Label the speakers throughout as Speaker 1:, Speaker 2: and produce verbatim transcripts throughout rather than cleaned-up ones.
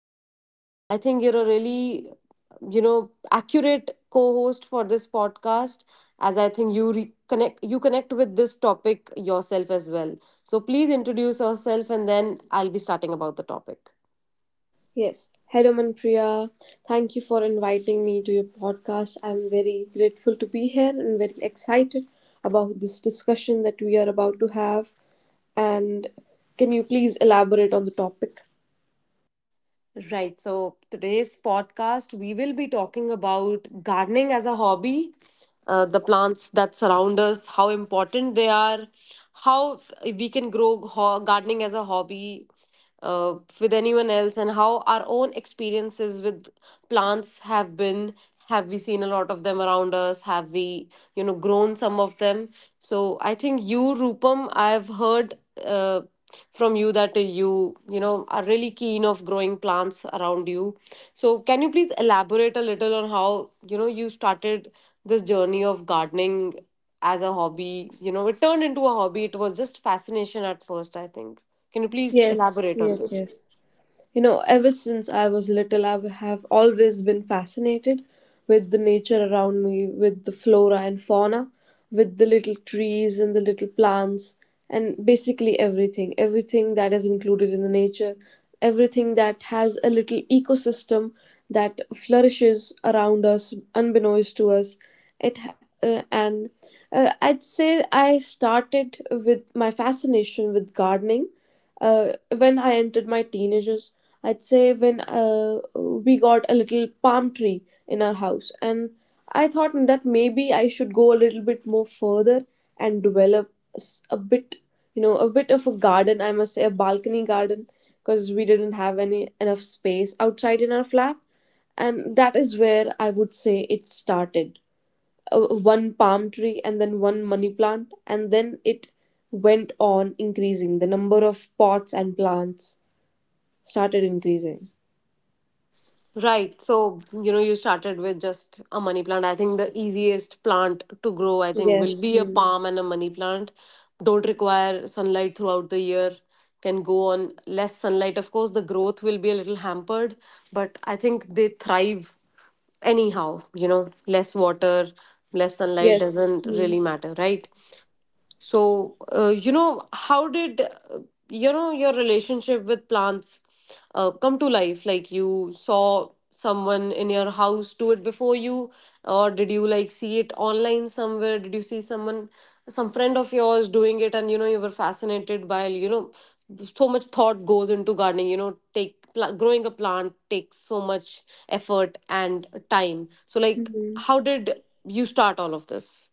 Speaker 1: Joining. I think you're a really you know accurate co-host for this podcast as I think you re- connect you connect with this topic yourself as well. So please introduce yourself, and then I'll be starting about the topic.
Speaker 2: Yes. Hello, Manpriya. Thank you for inviting me to your podcast. I'm very grateful to be here and very excited about this discussion that we are about to have. And can you please elaborate on the topic?
Speaker 1: Right. So today's podcast, we will be talking about gardening as a hobby, uh, the plants that surround us, how important they are, how we can grow ho- gardening as a hobby uh, with anyone else, and how our own experiences with plants have been. Have we seen a lot of them around us? Have we, you know, grown some of them? So I think you, Rupam, I've heard. Uh, from you that uh, you you know are really keen of growing plants around you, so can you please elaborate a little on how you know you started this journey of gardening as a hobby. You know it turned into a hobby. It was just fascination at first, I think. Can you please
Speaker 2: Yes,
Speaker 1: elaborate on
Speaker 2: yes,
Speaker 1: this?
Speaker 2: yes. You know, ever since I was little, I have always been fascinated with the nature around me, with the flora and fauna, with the little trees and the little plants, and basically everything, everything that is included in the nature, everything that has a little ecosystem that flourishes around us, unbeknownst to us. It uh, and uh, I'd say I started with my fascination with gardening uh, when I entered my teenagers. I'd say when uh, we got a little palm tree in our house, and I thought that maybe I should go a little bit more further and develop s- a bit, you know, a bit of a garden. I must say a balcony garden, because we didn't have any enough space outside in our flat, and that is where I would say it started. Uh, one palm tree, and then one money plant, and then it went on increasing. The number of pots and plants started increasing.
Speaker 1: Right. So, you know, you started with just a money plant. I think the easiest plant to grow, I think, will
Speaker 2: Yes.
Speaker 1: be a
Speaker 2: Hmm.
Speaker 1: palm and a money plant. Don't require sunlight throughout the year, can go on less sunlight. Of course, the growth will be a little hampered, but I think they thrive anyhow. You know, less water, less sunlight
Speaker 2: Yes.
Speaker 1: doesn't
Speaker 2: Hmm.
Speaker 1: really matter, right? So, uh, you know, how did uh, you know your relationship with plants uh, come to life? Like, you saw someone in your house do it before you, or did you like see it online somewhere? Did you see someone, some friend of yours doing it, and you know you were fascinated by, you know, so much thought goes into gardening. You know, take pla- growing a plant takes so much effort and time. So, like,
Speaker 2: Mhm.
Speaker 1: how did you start all of this?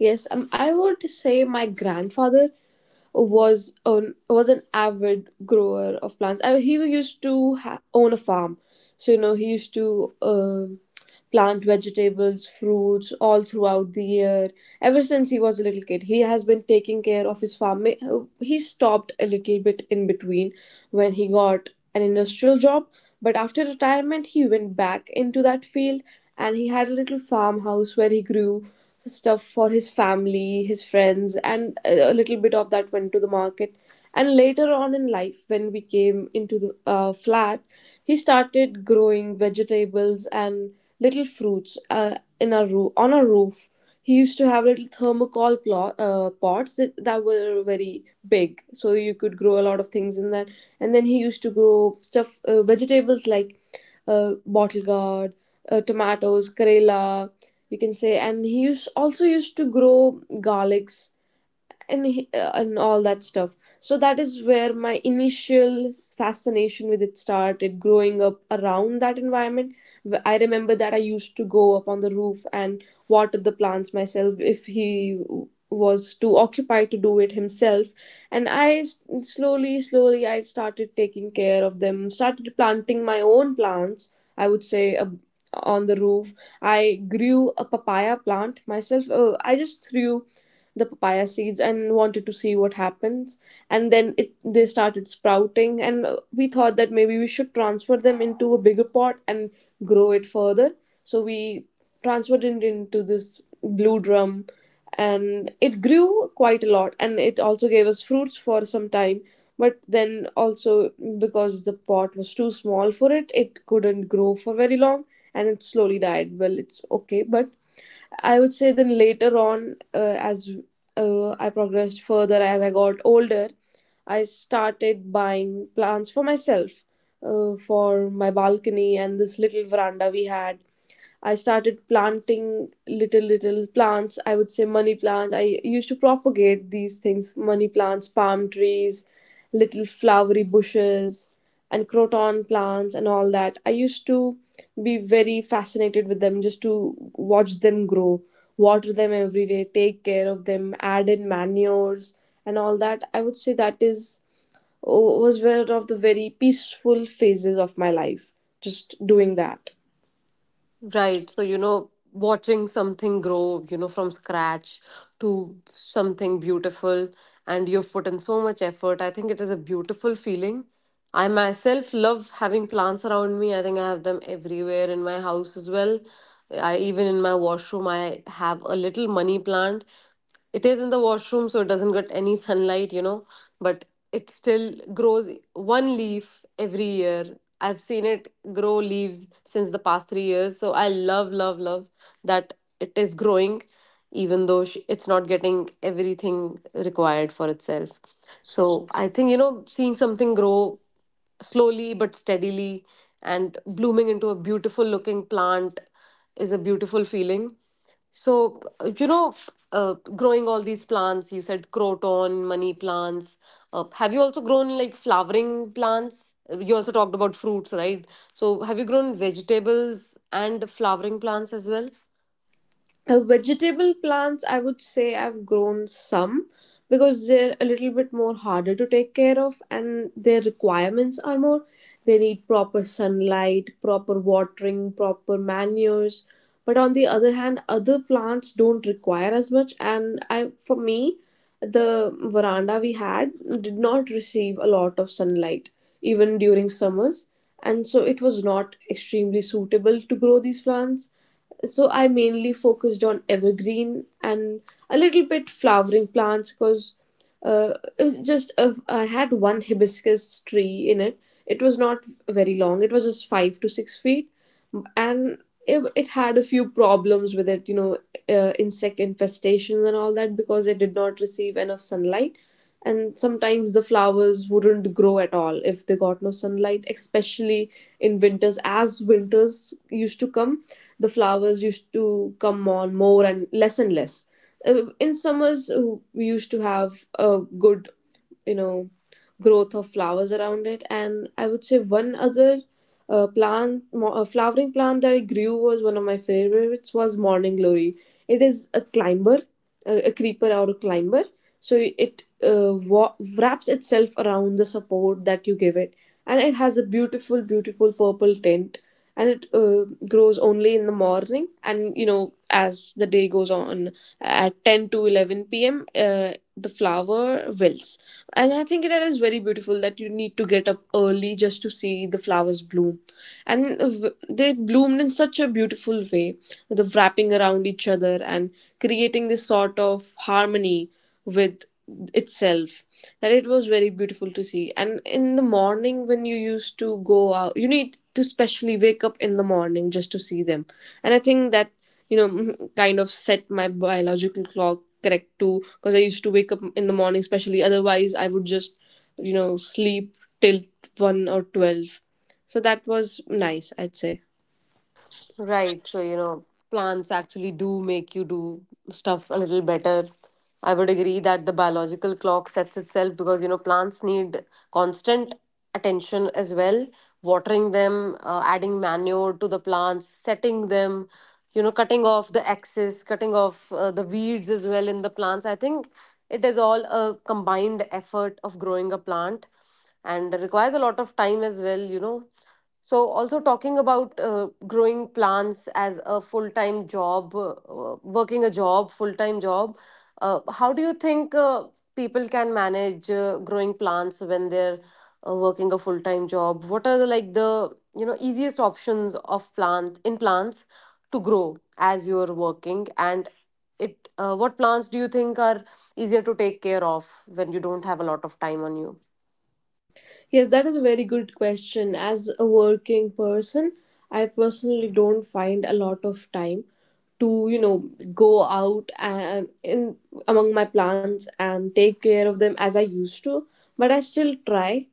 Speaker 2: Yes. um, I would say my grandfather was an was an avid grower of plants. I, he used to ha- own a farm, so, you know, he used to um plant vegetables, fruits all throughout the year. Ever since he was a little kid, he has been taking care of his farm. May- uh, He stopped a little bit in between when he got an industrial job, but after retirement, he went back into that field, and he had a little farmhouse where he grew stuff for his family, his friends, and a little bit of that went to the market. And later on in life, when we came into the uh, flat, he started growing vegetables and little fruits uh, in our roof on our roof. He used to have little thermocol plot, uh, pots that, that were very big, so you could grow a lot of things in that. And then he used to grow stuff, uh, vegetables like uh, bottle gourd, uh, tomatoes, karela, you can say. And he used, also used to grow garlics, and he- uh, and all that stuff. So that is where my initial fascination with it started, growing up around that environment. Wh- I remember that I used to go up on the roof and water the plants myself if he w- was too occupied to do it himself. And i s- slowly slowly i started taking care of them, started planting my own plants. I would say, ab- on the roof, I grew a papaya plant myself. uh, I just threw the papaya seeds and wanted to see what happens. And then it they started sprouting, and uh, we thought that maybe we should transfer them into a bigger pot and grow it further. So we transferred it into this blue drum, and it grew quite a lot, and it also gave us fruits for some time. But then also, because the pot was too small for it it couldn't grow for very long, and it slowly died. Well, it's okay. But I would say then later on, uh, as uh, I progressed further, as I got older, I started buying plants for myself, uh, for my balcony and this little veranda we had. I started planting little, little plants. I would say money plants. I used to propagate these things: money plants, palm trees, little flowery bushes, and croton plants and all that. I used to be very fascinated with them, just to watch them grow, water them every day, take care of them, add in manures and all that. I would say that is was one of the very peaceful phases of my life, just doing that.
Speaker 1: Right. So, you know, watching something grow, you know, from scratch to something beautiful, and you've put in so much effort, I think it is a beautiful feeling. I myself love having plants around me. I think I have them everywhere in my house as well. I, even in my washroom, I have a little money plant. It is in the washroom, so it doesn't get any sunlight, you know but it still grows one leaf every year. I've seen it grow leaves since the past three years, so I love love love that it is growing, even though sh- it's not getting everything required for itself. So I think, you know seeing something grow slowly but steadily and blooming into a beautiful looking plant is a beautiful feeling. So, uh, you know, uh, growing all these plants, you said croton, money plants. Uh, have you also grown like flowering plants? Uh, You also talked about fruits, right? So, have you grown vegetables and flowering plants as well?
Speaker 2: Uh, vegetable plants, I would say I've grown some, because they're a little bit more harder to take care of, and their requirements are more. They need proper sunlight, proper watering, proper manures. But on the other hand, other plants don't require as much. And I, for me, the veranda we had did not receive a lot of sunlight even during summers, and so it was not extremely suitable to grow these plants. So I mainly focused on evergreen and a little bit flowering plants, because uh, it just uh, I had one hibiscus tree in it. It was not very long. It was just five to six feet, and it, it had a few problems with it. You know, uh, insect infestations and all that, because it did not receive enough sunlight. And sometimes the flowers wouldn't grow at all if they got no sunlight, especially in winters. As winters used to come, the flowers used to come on more and less and less. Uh, in summers, uh, we used to have a good, you know growth of flowers around it. And I would say one other uh, plant mo- uh, flowering plant that I grew, was one of my favorites, was morning glory. It is a climber, a, a creeper or a climber. So it uh, wa- wraps itself around the support that you give it, and it has a beautiful, beautiful purple tint. And it uh, grows only in the morning, and, you know, as the day goes on, at ten to eleven p m uh, the flower wilts. And I think that is very beautiful, that you need to get up early just to see the flowers bloom. And uh, w- they bloomed in such a beautiful way, the wrapping around each other and creating this sort of harmony with itself, that it was very beautiful to see. And in the morning when you used to go out, you need to specially wake up in the morning just to see them. And I think that, you know kind of set my biological clock correct too, because I used to wake up in the morning especially. Otherwise I would just, you know sleep till one or twelve. So that was nice, I'd say.
Speaker 1: Right. So, you know, plants actually do make you do stuff a little better. I would agree that the biological clock sets itself because, you know, plants need constant attention as well. Watering them, uh, adding manure to the plants, setting them, you know, cutting off the excess, cutting off uh, the weeds as well in the plants. I think it is all a combined effort of growing a plant and requires a lot of time as well. You know so, also talking about uh, growing plants as a full time job, uh, uh, working a job, full time job, uh, how do you think uh, people can manage uh, growing plants when they're uh, working a full time job? What are the, like, the you know easiest options of plant in plants to grow as you're working, and it uh, what plants do you think are easier to take care of when you don't have a lot of time on you?
Speaker 2: Yes, that is a very good question. As a working person, I personally don't find a lot of time to, you know, go out and in among my plants and take care of them as I used to, but I still try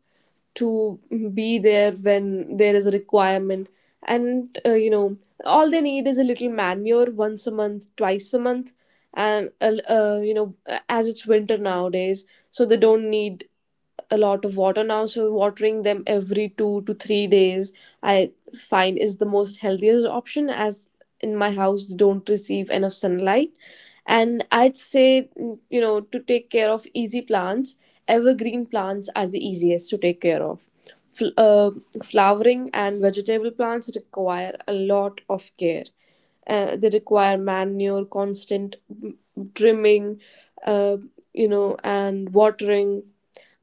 Speaker 2: to be there when there is a requirement. And uh, you know all they need is a little manure, once a month, twice a month. And uh, uh, you know as it's winter nowadays, so they don't need a lot of water now, so watering them every two to three days, I find, is the most healthiest option, as in my house they don't receive enough sunlight. And I'd say, mm, you know to take care of easy plants, evergreen plants are the easiest to take care of. Fl- uh, Flowering and vegetable plants require a lot of care. Uh, they require manure, constant mm, trimming, uh, you know, and watering.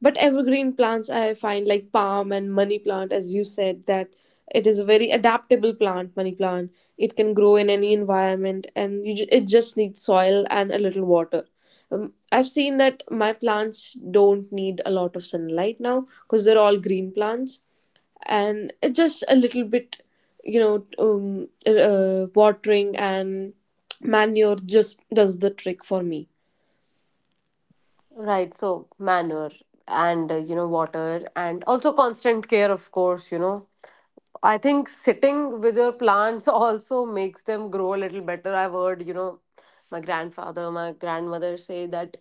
Speaker 2: But evergreen plants, I find, like palm and money plant, as you said, that it is a very adaptable plant, money plant. It can grow in any environment, and you ju- it just needs soil and a little water. Um, I've seen that my plants don't need a lot of sunlight now because they're all green plants, and it just a little bit, you know, um, uh, watering and manure, just does the trick for me.
Speaker 1: Right, so manure and uh, you know water and also constant care of course, you know. I think sitting with your plants also makes them grow a little better. I've heard, you know, my grandfather, my grandmother say that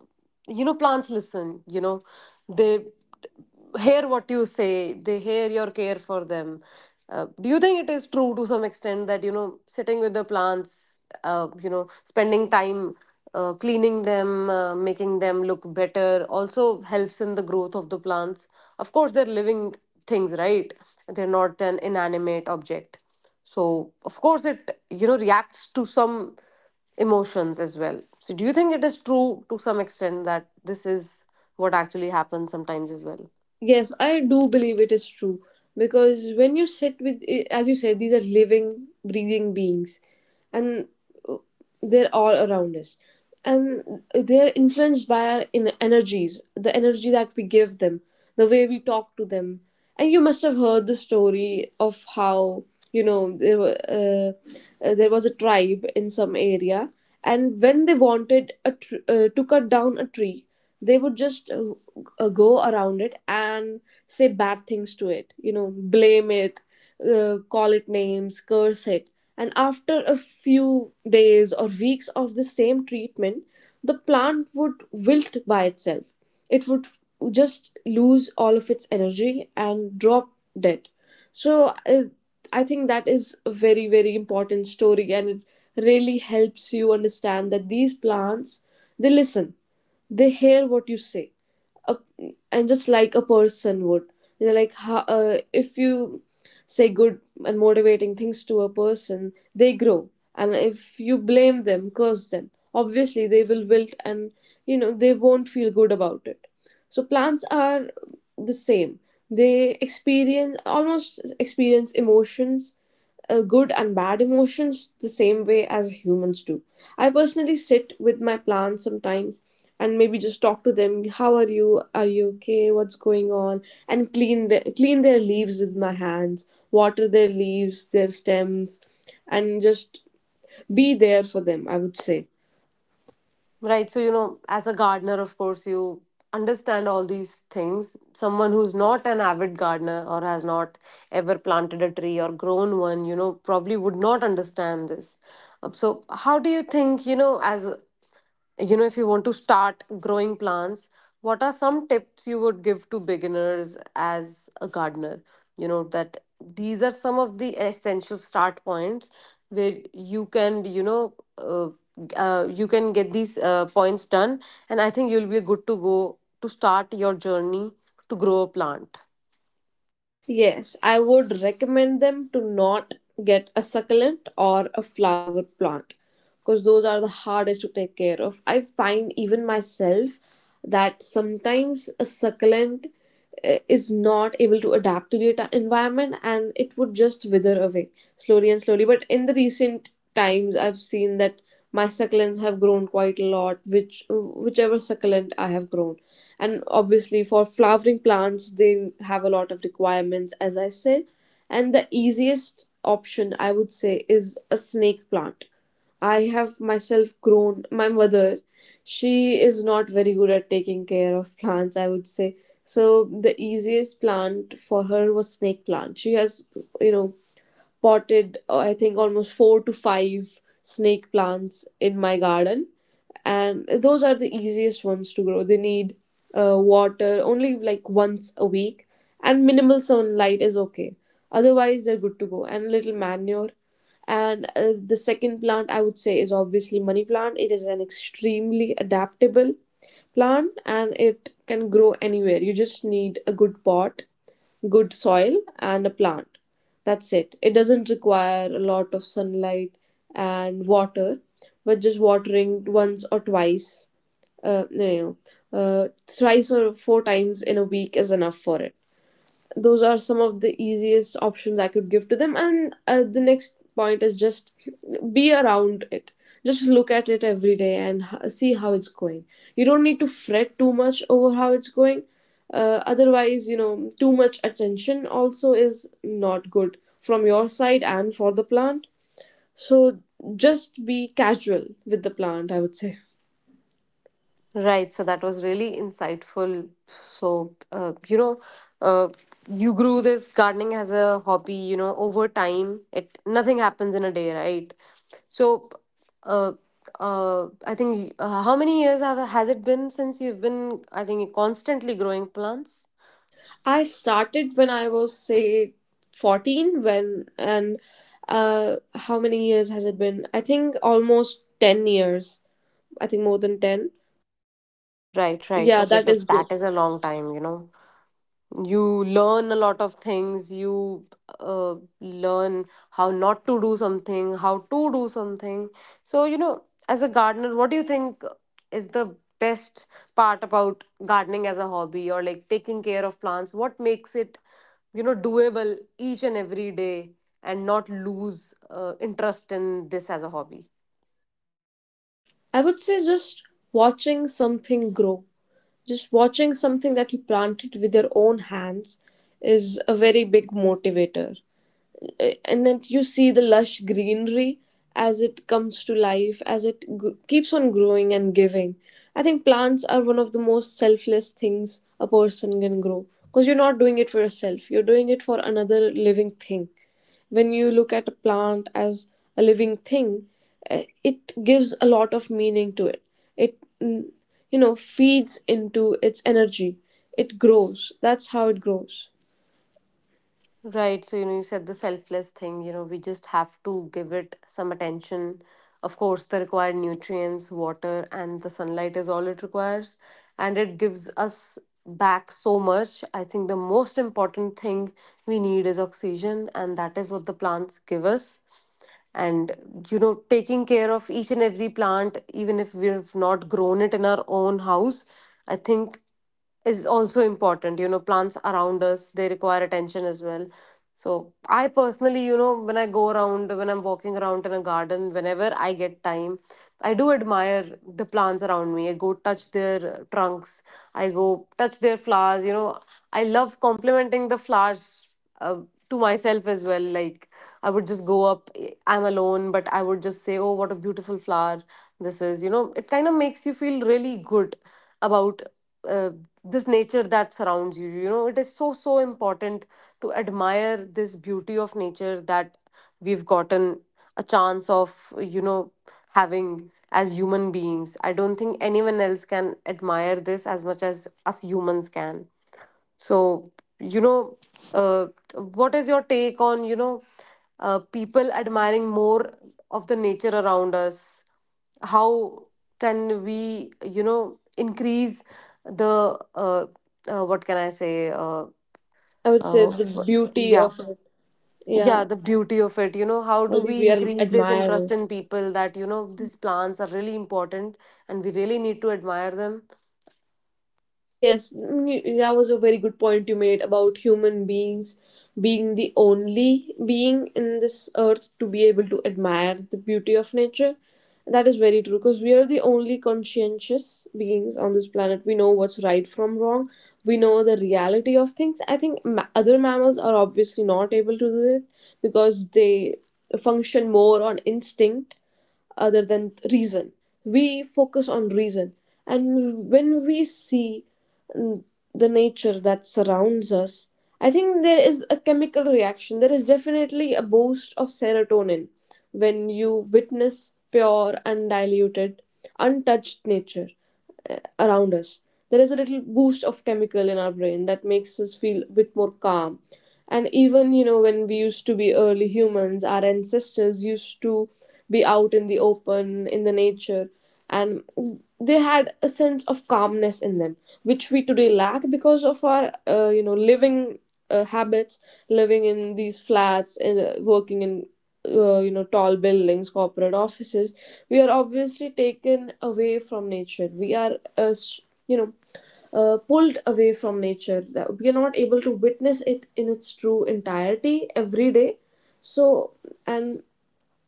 Speaker 1: you know plants listen, you know. They hear what you say, they hear your care for them. Uh, do you think it is true to some extent that you know sitting with the plants, uh, you know, spending time uh, cleaning them, uh, making them look better also helps in the growth of the plants? Of course, they're living things, right? They're not an inanimate object. So, of course, it you know reacts to some emotions as well. So, do you think it is true to some extent that this is what actually happens sometimes as well?
Speaker 2: Yes, I do believe it is true, because when you sit with, eh, as you said, these are living, breathing beings, and uh, they're all around us, and they're influenced by our in- energies, the energy that we give them, the way we talk to them. And you must have heard the story of how, you know there, were, uh, uh, there was a tribe in some area, and when they wanted a tr- uh, to cut down a tree, they would just uh, uh, go around it and say bad things to it, you know blame it, uh, call it names, curse it. And after a few days or weeks of the same treatment, the plant would wilt by itself. It would just lose all of its energy and drop dead. So uh, I think that is a very, very important story, and it really helps you understand that these plants, they listen, they hear what you say. a, and just like a person would, you know like how, uh, if you say good and motivating things to a person, they grow. And if you blame them, curse them, obviously they will wilt, and, you know they won't feel good about it. So plants are the same. They experience almost experience emotions, uh, good and bad emotions, the same way as humans do. I personally sit with my plants sometimes and maybe just talk to them. How are you? Are you okay? What's going on? And clean the, clean their leaves with my hands, water their leaves, their stems, and just be there for them, I would say.
Speaker 1: Right. So, you know, as a gardener, of course, you understand all these things. Someone who's not an avid gardener or has not ever planted a tree or grown one, you know, probably would not understand this. Uh, So, how do you think, you know, as you know if you want to start growing plants, what are some tips you would give to beginners as a gardener, you know that these are some of the essential start points where you can you know uh, uh, you can get these uh, points done, and I think you'll be good to go to start your journey to grow a plant?
Speaker 2: Yes, I would recommend them to not get a succulent or a flower plant because those are the hardest to take care of. I find even myself that sometimes a succulent eh, is not able to adapt to the ati- environment, and it would just wither away slowly and slowly. But in the recent times, I've seen that my succulents have grown quite a lot, which whichever succulent I have grown. And obviously for flowering plants, they have a lot of requirements, as I said. And the easiest option, I would say, is a snake plant. I have myself grown my mother. She is not very good at taking care of plants, I would say. So the easiest plant for her was snake plant. She has, you know, potted, uh, I think, almost four to five snake plants in my garden. And those are the easiest ones to grow. They need uh, water only like once a week, and minimal sunlight is okay. Otherwise, they're good to go. And a little manure. And uh, the second plant I would say is obviously money plant. It is an extremely adaptable plant, and it can grow anywhere. You just need a good pot, good soil, and a plant. That's it. It doesn't require a lot of sunlight and water, but just watering once or twice, uh, no, no, uh, thrice or four times in a week is enough for it. Those are some of the easiest options I could give to them. And uh, the next point is just be around it. Just look at it every day and h- see how it's going. You don't need to fret too much over how it's going. Uh, otherwise, you know, Too much attention also is not good from your side and for the plant. So just be casual with the plant, I would say.
Speaker 1: Right, so that was really insightful. So, uh, you know, uh, you grew this gardening as a hobby, you know, over time. It, nothing happens in a day, right? So, uh, uh, I think uh, how many years have has it been since you've been, I think, constantly growing plants?
Speaker 2: I started when I was, say, fourteen. When and uh How many years has it been? I think almost ten years. I think more than ten.
Speaker 1: Right, right.
Speaker 2: Yeah,
Speaker 1: Okay,
Speaker 2: that
Speaker 1: so
Speaker 2: is good.
Speaker 1: that is a long time, you know. You learn a lot of things, you uh, learn how not to do something, how to do something. So, you know as a gardener, what do you think is the best part about gardening as a hobby or like taking care of plants? What makes it, you know doable each and every day, and not lose uh, interest in this as a hobby?
Speaker 2: I would say just watching something grow. Just watching something that you planted with your own hands is a very big motivator. Uh, and then you see the lush greenery as it comes to life, as it gr- keeps on growing and giving. I think plants are one of the most selfless things a person can grow, because you're not doing it for yourself, you're doing it for another living thing. When you look at a plant as a living thing, uh, it gives a lot of meaning to it. It mm, you know, feeds into its energy. It grows. That's how it grows.
Speaker 1: Right. So, you know, you said the selfless thing, you know, we just have to give it some attention. Of course, the required nutrients, water, and the sunlight is all it requires. And it gives us back so much. I think the most important thing we need is oxygen, and that is what the plants give us. And you know taking care of each and every plant, even if we've not grown it in our own house, I think is also important. You know plants around us, they require attention as well. So I personally, you know when I go around, when I'm walking around in a garden, whenever I get time, I do admire the plants around me. I go touch their uh, trunks, I go touch their flowers you know I love complimenting the flowers, uh, to myself as well. Like, I would just go up, eh, I'm alone, but I would just say, oh, what a beautiful flower this is you know It kind of makes you feel really good about uh, this nature that surrounds you you know It is so so important to admire this beauty of nature that we've gotten a chance of you know having as human beings. I don't think anyone else can admire this as much as us humans can. So, you know, uh, what is your take on, you know, uh, people admiring more of the nature around us? How can we, you know, increase the, uh, uh, what can I say? Uh,
Speaker 2: I would say
Speaker 1: uh,
Speaker 2: the
Speaker 1: wh-
Speaker 2: beauty
Speaker 1: yeah,
Speaker 2: of it.
Speaker 1: yeah,
Speaker 2: Yeah,
Speaker 1: the beauty of it. You know, how do
Speaker 2: maybe
Speaker 1: we
Speaker 2: we are
Speaker 1: increase this interest
Speaker 2: admiring.
Speaker 1: in people that, you know, these plants are really important, and we really need to admire them?
Speaker 2: Yes, mm, y- that was a very good point you made about human beings being the only being in this earth to be able to admire the beauty of nature. That is very true, because we are the only conscientious beings on this planet. We know what's right from wrong. We know the reality of things. I think ma- other mammals are obviously not able to do it because they function more on instinct other than reason. We focus on reason, and when we see the nature that surrounds us, I think there is a chemical reaction. There is definitely a boost of serotonin when you witness pure, undiluted, untouched nature uh, around us. There is a little boost of chemical in our brain that makes us feel a bit more calm. And even, you know, when we used to be early humans, our ancestors used to be out in the open, in the nature, and they had a sense of calmness in them, which we today lack because of our uh, you know, living uh, habits, living in these flats, in uh, working in uh, you know, tall buildings, corporate offices. We are obviously taken away from nature. We are uh, s- you know uh, pulled away from nature, that we are not able to witness it in its true entirety every day. So, and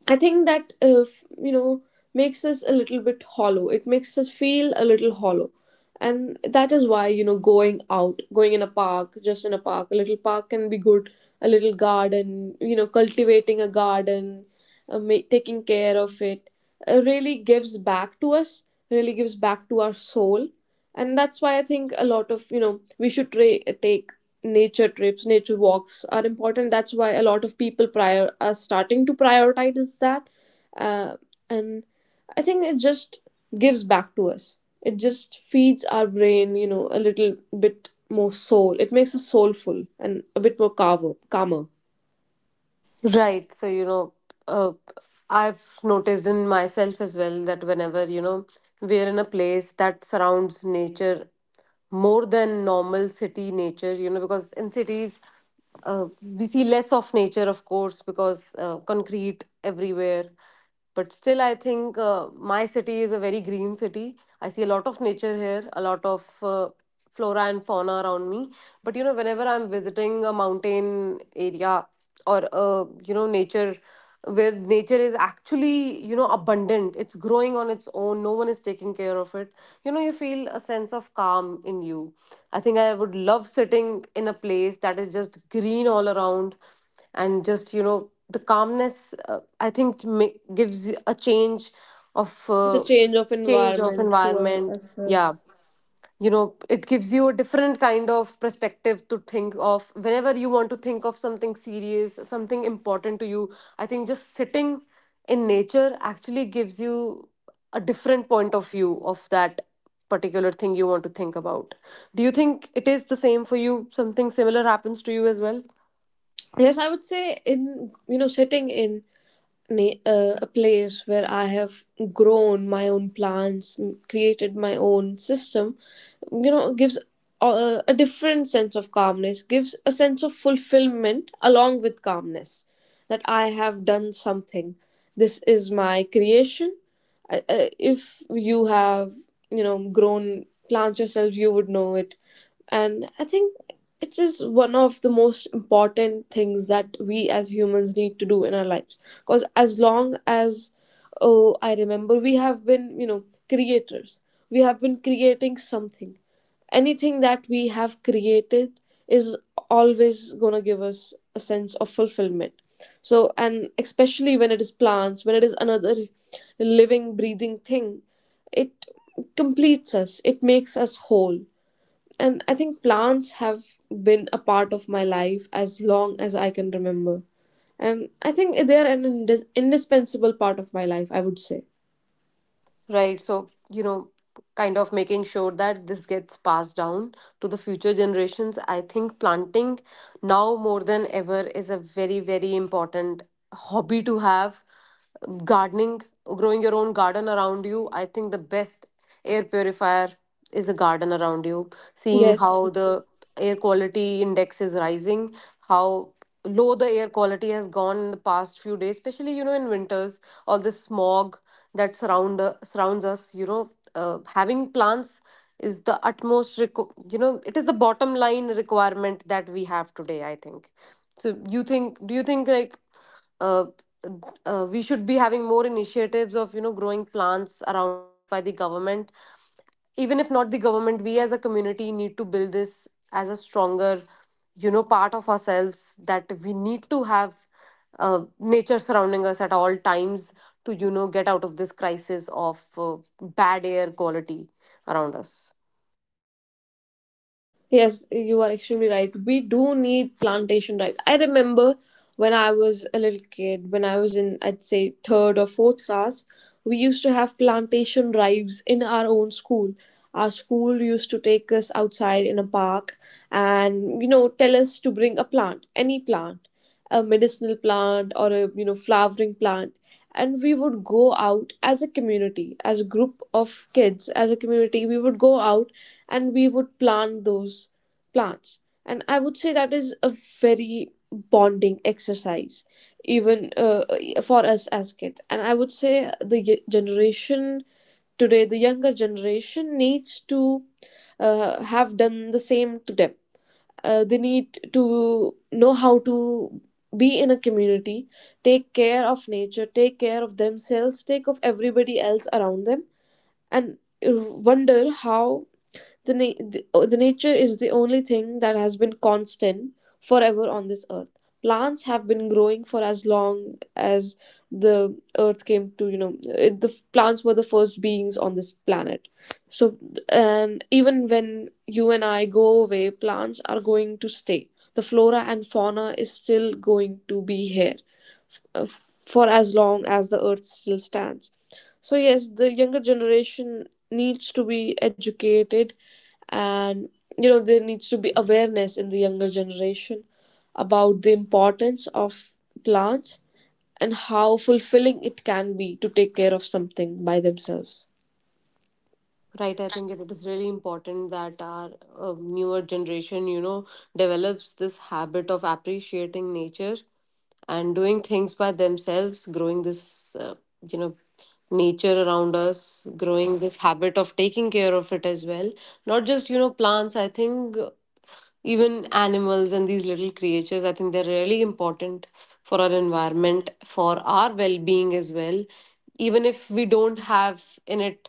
Speaker 2: I think that uh, f- you know, makes us a little bit hollow. It makes us feel a little hollow, and that is why, you know, going out, going in a park, just in a park, a little park can be good. A little garden, you know, cultivating a garden, uh, ma- taking care of it, uh, really gives back to us. Really gives back to our soul, and that's why I think a lot of, you know, we should tra- take nature trips. Nature walks are important. That's why a lot of people prior are starting to prioritize that, uh, and I think it just gives back to us. It just feeds our brain, you know, a little bit more soul. It makes us soulful and a bit more calmer. Calmer.
Speaker 1: Right. So, you know, uh, I've noticed in myself as well that whenever, you know, we're in a place that surrounds nature more than normal city nature, you know, because in cities, uh, we see less of nature, of course, because uh, concrete everywhere. But still, I think uh, my city is a very green city. I see a lot of nature here, a lot of uh, flora and fauna around me. But you know, whenever I'm visiting a mountain area or uh, you know, nature where nature is actually, you know, abundant, it's growing on its own, no one is taking care of it, you know, you feel a sense of calm in you. I think I would love sitting in a place that is just green all around, and just, you know, the calmness, uh, I think it ma- gives a change of
Speaker 2: It's a
Speaker 1: uh,
Speaker 2: change of
Speaker 1: change of
Speaker 2: environment to our,
Speaker 1: environment. Yeah,
Speaker 2: ourselves.
Speaker 1: you know, it gives you a different kind of perspective to think of whenever you want to think of something serious, something important to you. I think just sitting in nature actually gives you a different point of view of that particular thing you want to think about. Do you think it is the same for you? Something similar happens to you as well?
Speaker 2: Yes, I would say, in, you know, sitting in na- uh, a place where I have grown my own plants, m- created my own system, you know, gives a, a different sense of calmness, gives a sense of fulfillment along with calmness, that I have done something. This is my creation. I- I- if you have, you know, grown plants yourself, you would know it. And I think it is one of the most important things that we as humans need to do in our lives, because as long as, oh, I remember, we have been, you know, creators. We have been creating something. Anything that we have created is always going to give us a sense of fulfillment. So, and especially when it is plants, when it is another living, breathing thing, it completes us, it makes us whole. And I think plants have been a part of my life as long as I can remember, and I think they are an indis- indispensable part of my life, I would say.
Speaker 1: Right. So, you know, kind of making sure that this gets passed down to the future generations. I think planting now more than ever is a very, very important hobby to have. Gardening, growing your own garden around you. I think the best air purifier is a garden around you. Seeing
Speaker 2: Yes,
Speaker 1: how
Speaker 2: yes.
Speaker 1: the air quality index is rising, how low the air quality has gone in the past few days, especially, you know, in winters, all the smog that surround uh, surrounds us, you know, uh, having plants is the utmost requ- you know, it is the bottom line requirement that we have today, I think. So you think, do you think like, uh, uh, we should be having more initiatives of, you know, growing plants around us by the government? Even if not the government, we as a community need to build this as a stronger, you know, part of ourselves that we need to have uh, nature surrounding us at all times, to, you know, get out of this crisis of uh, bad air quality around us.
Speaker 2: Yes, you are extremely right. We do need plantation drives. I remember when I was a little kid, when I was in, I'd say, third or fourth class, we used to have plantation drives in our own school. Our school used to take us outside in a park and, you know, tell us to bring a plant, any plant, a medicinal plant or a, you know, flowering plant. And we would go out as a community, as a group of kids, as a community, we would go out and we would plant those plants. And I would say that is a very bonding exercise, even uh, for us as kids. And I would say the ge- generation today, the younger generation, needs to uh, have done the same to them. Uh, they need to know how to be in a community, take care of nature, take care of themselves, take of everybody else around them, and uh, wonder how the, na- the, uh, the nature is the only thing that has been constant forever on this earth. Plants have been growing for as long as the earth came to, you know, uh, the plants were the first beings on this planet. So, and even when you and I go away, plants are going to stay. The flora and fauna is still going to be here uh, for as long as the earth still stands. So, yes, the younger generation needs to be educated, and, you know, there needs to be awareness in the younger generation about the importance of plants and how fulfilling it can be to take care of something by themselves.
Speaker 1: Right, I think it is really important that our uh, newer generation, you know, develops this habit of appreciating nature and doing things by themselves, growing this uh, you know, nature around us, growing this habit of taking care of it as well. Not just, you know, plants. I think even animals and these little creatures, I think they're really important for our environment, for our well-being as well. Even if we don't have in it,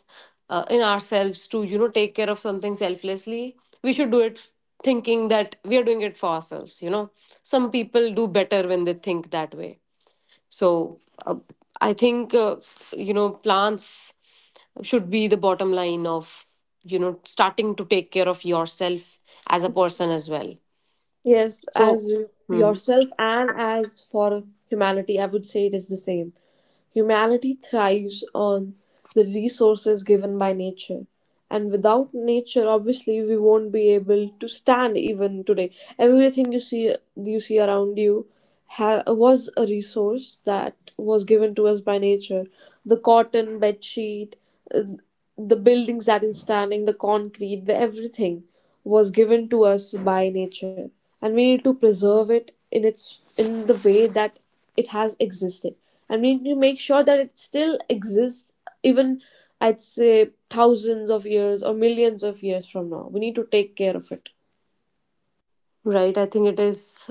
Speaker 1: uh, in ourselves to, you know, take care of something selflessly, we should do it thinking that we are doing it for ourselves, you know. Some people do better when they think that way. So uh, I think uh, you know, plants should be the bottom line of, you know, starting to take care of yourself as a person as well.
Speaker 2: Yes,
Speaker 1: So,
Speaker 2: as
Speaker 1: hmm,
Speaker 2: yourself and as for humanity, I would say it is the same. Humanity thrives on the resources given by nature. And without nature, obviously, we won't be able to stand even today. Everything you see, you see around you, ha- was a resource that was given to us by nature. The cotton, bed sheet, uh, the buildings that is standing, the concrete, the everything was given to us by nature, and we need to preserve it in its in the way that it has existed, and we need to make sure that it still exists even, I'd say, thousands of years or millions of years from now. We need to take care of it.
Speaker 1: right, I think it is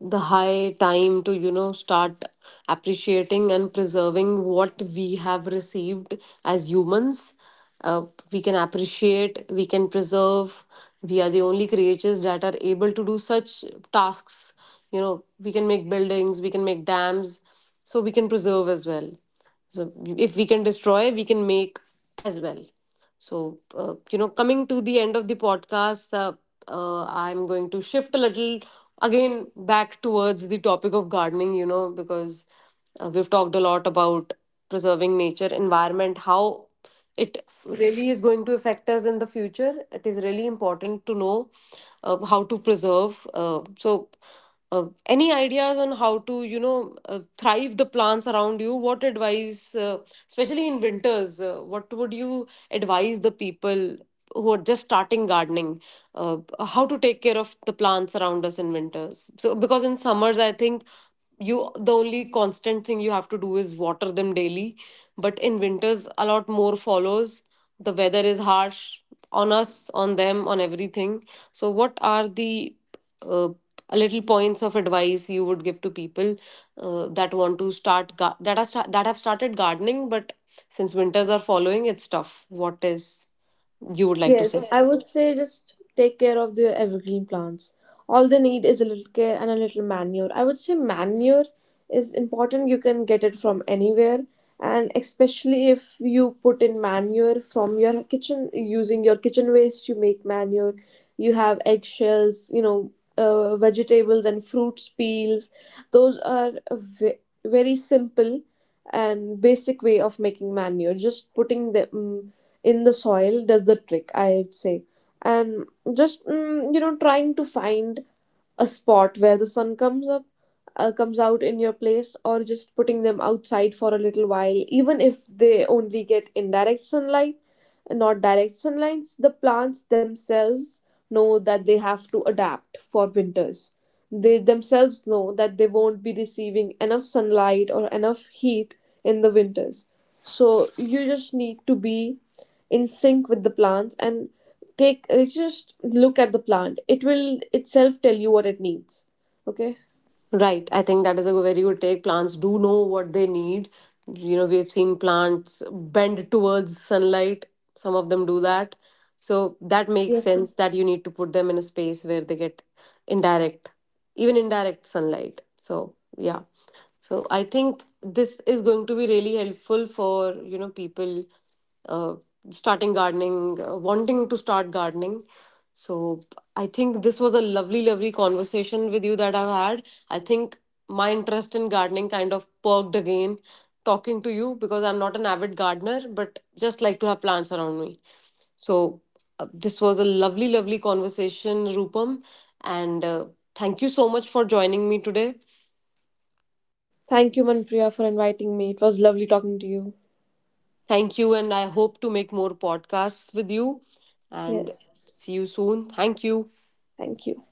Speaker 1: the high time to, you know, start appreciating and preserving what we have received as humans. Uh, we can appreciate, we can preserve. We are the only creatures that are able to do such tasks. You know, we can make buildings, we can make dams, so we can preserve as well. So if we can destroy, we can make as well. So uh, you know, coming to the end of the podcast, uh, uh, I'm going to shift a little again back towards the topic of gardening. You know, because uh, we've talked a lot about preserving nature, environment, how it really is going to affect us in the future. It is really important to know uh, how to preserve. Uh, so uh, any ideas on how to, you know, uh, thrive the plants around you? What advice, uh, especially in winters, uh, what would you advise the people who are just starting gardening, uh, how to take care of the plants around us in winters? So because in summers, I think you, the only constant thing you have to do is water them daily, but in winters a lot more follows. The weather is harsh on us, on them, on everything. So what are the uh, little points of advice you would give to people, uh, that want to start gar- that are sta- that have started gardening, but since winters are following, it's tough. What is, you would like to say?
Speaker 2: Yes, I would say just take care of their evergreen plants. All they need is a little care and a little manure. I would say manure is important. You can get it from anywhere, and especially if you put in manure from your kitchen, using your kitchen waste, you make manure. You have eggshells, you know, uh, vegetables and fruits peels. Those are ve- very simple and basic way of making manure, just putting them mm, in the soil does the trick, I would say. And just mm, you know, trying to find a spot where the sun comes up, uh, comes out in your place, or just putting them outside for a little while, even if they only get indirect sunlight, not direct sunlights. The plants themselves know that they have to adapt for winters. They themselves know that they won't be receiving enough sunlight or enough heat in the winters. So you just need to be in sync with the plants and take, uh, just look at the plant, it will itself tell you what it needs. Okay.
Speaker 1: Right. I think that is a very good take. Plants do know what they need. You know, we've seen plants bend towards sunlight. Some of them do that. So that makes
Speaker 2: Yes, sir.
Speaker 1: sense, that you need to put them in a space where they get indirect, even indirect sunlight. So, yeah. So I think this is going to be really helpful for, you know, people uh, starting gardening, uh, wanting to start gardening. So I think this was a lovely, lovely conversation with you that I've had. I think my interest in gardening kind of perked again talking to you, because I'm not an avid gardener, but just like to have plants around me. So uh, this was a lovely, lovely conversation, Rupam, and uh, thank you so much for joining me today.
Speaker 2: Thank you, Manpriya, for inviting me. It was lovely talking to you.
Speaker 1: Thank you, and I hope to make more podcasts with you. And
Speaker 2: Yes.
Speaker 1: see you soon. Thank you.
Speaker 2: Thank you.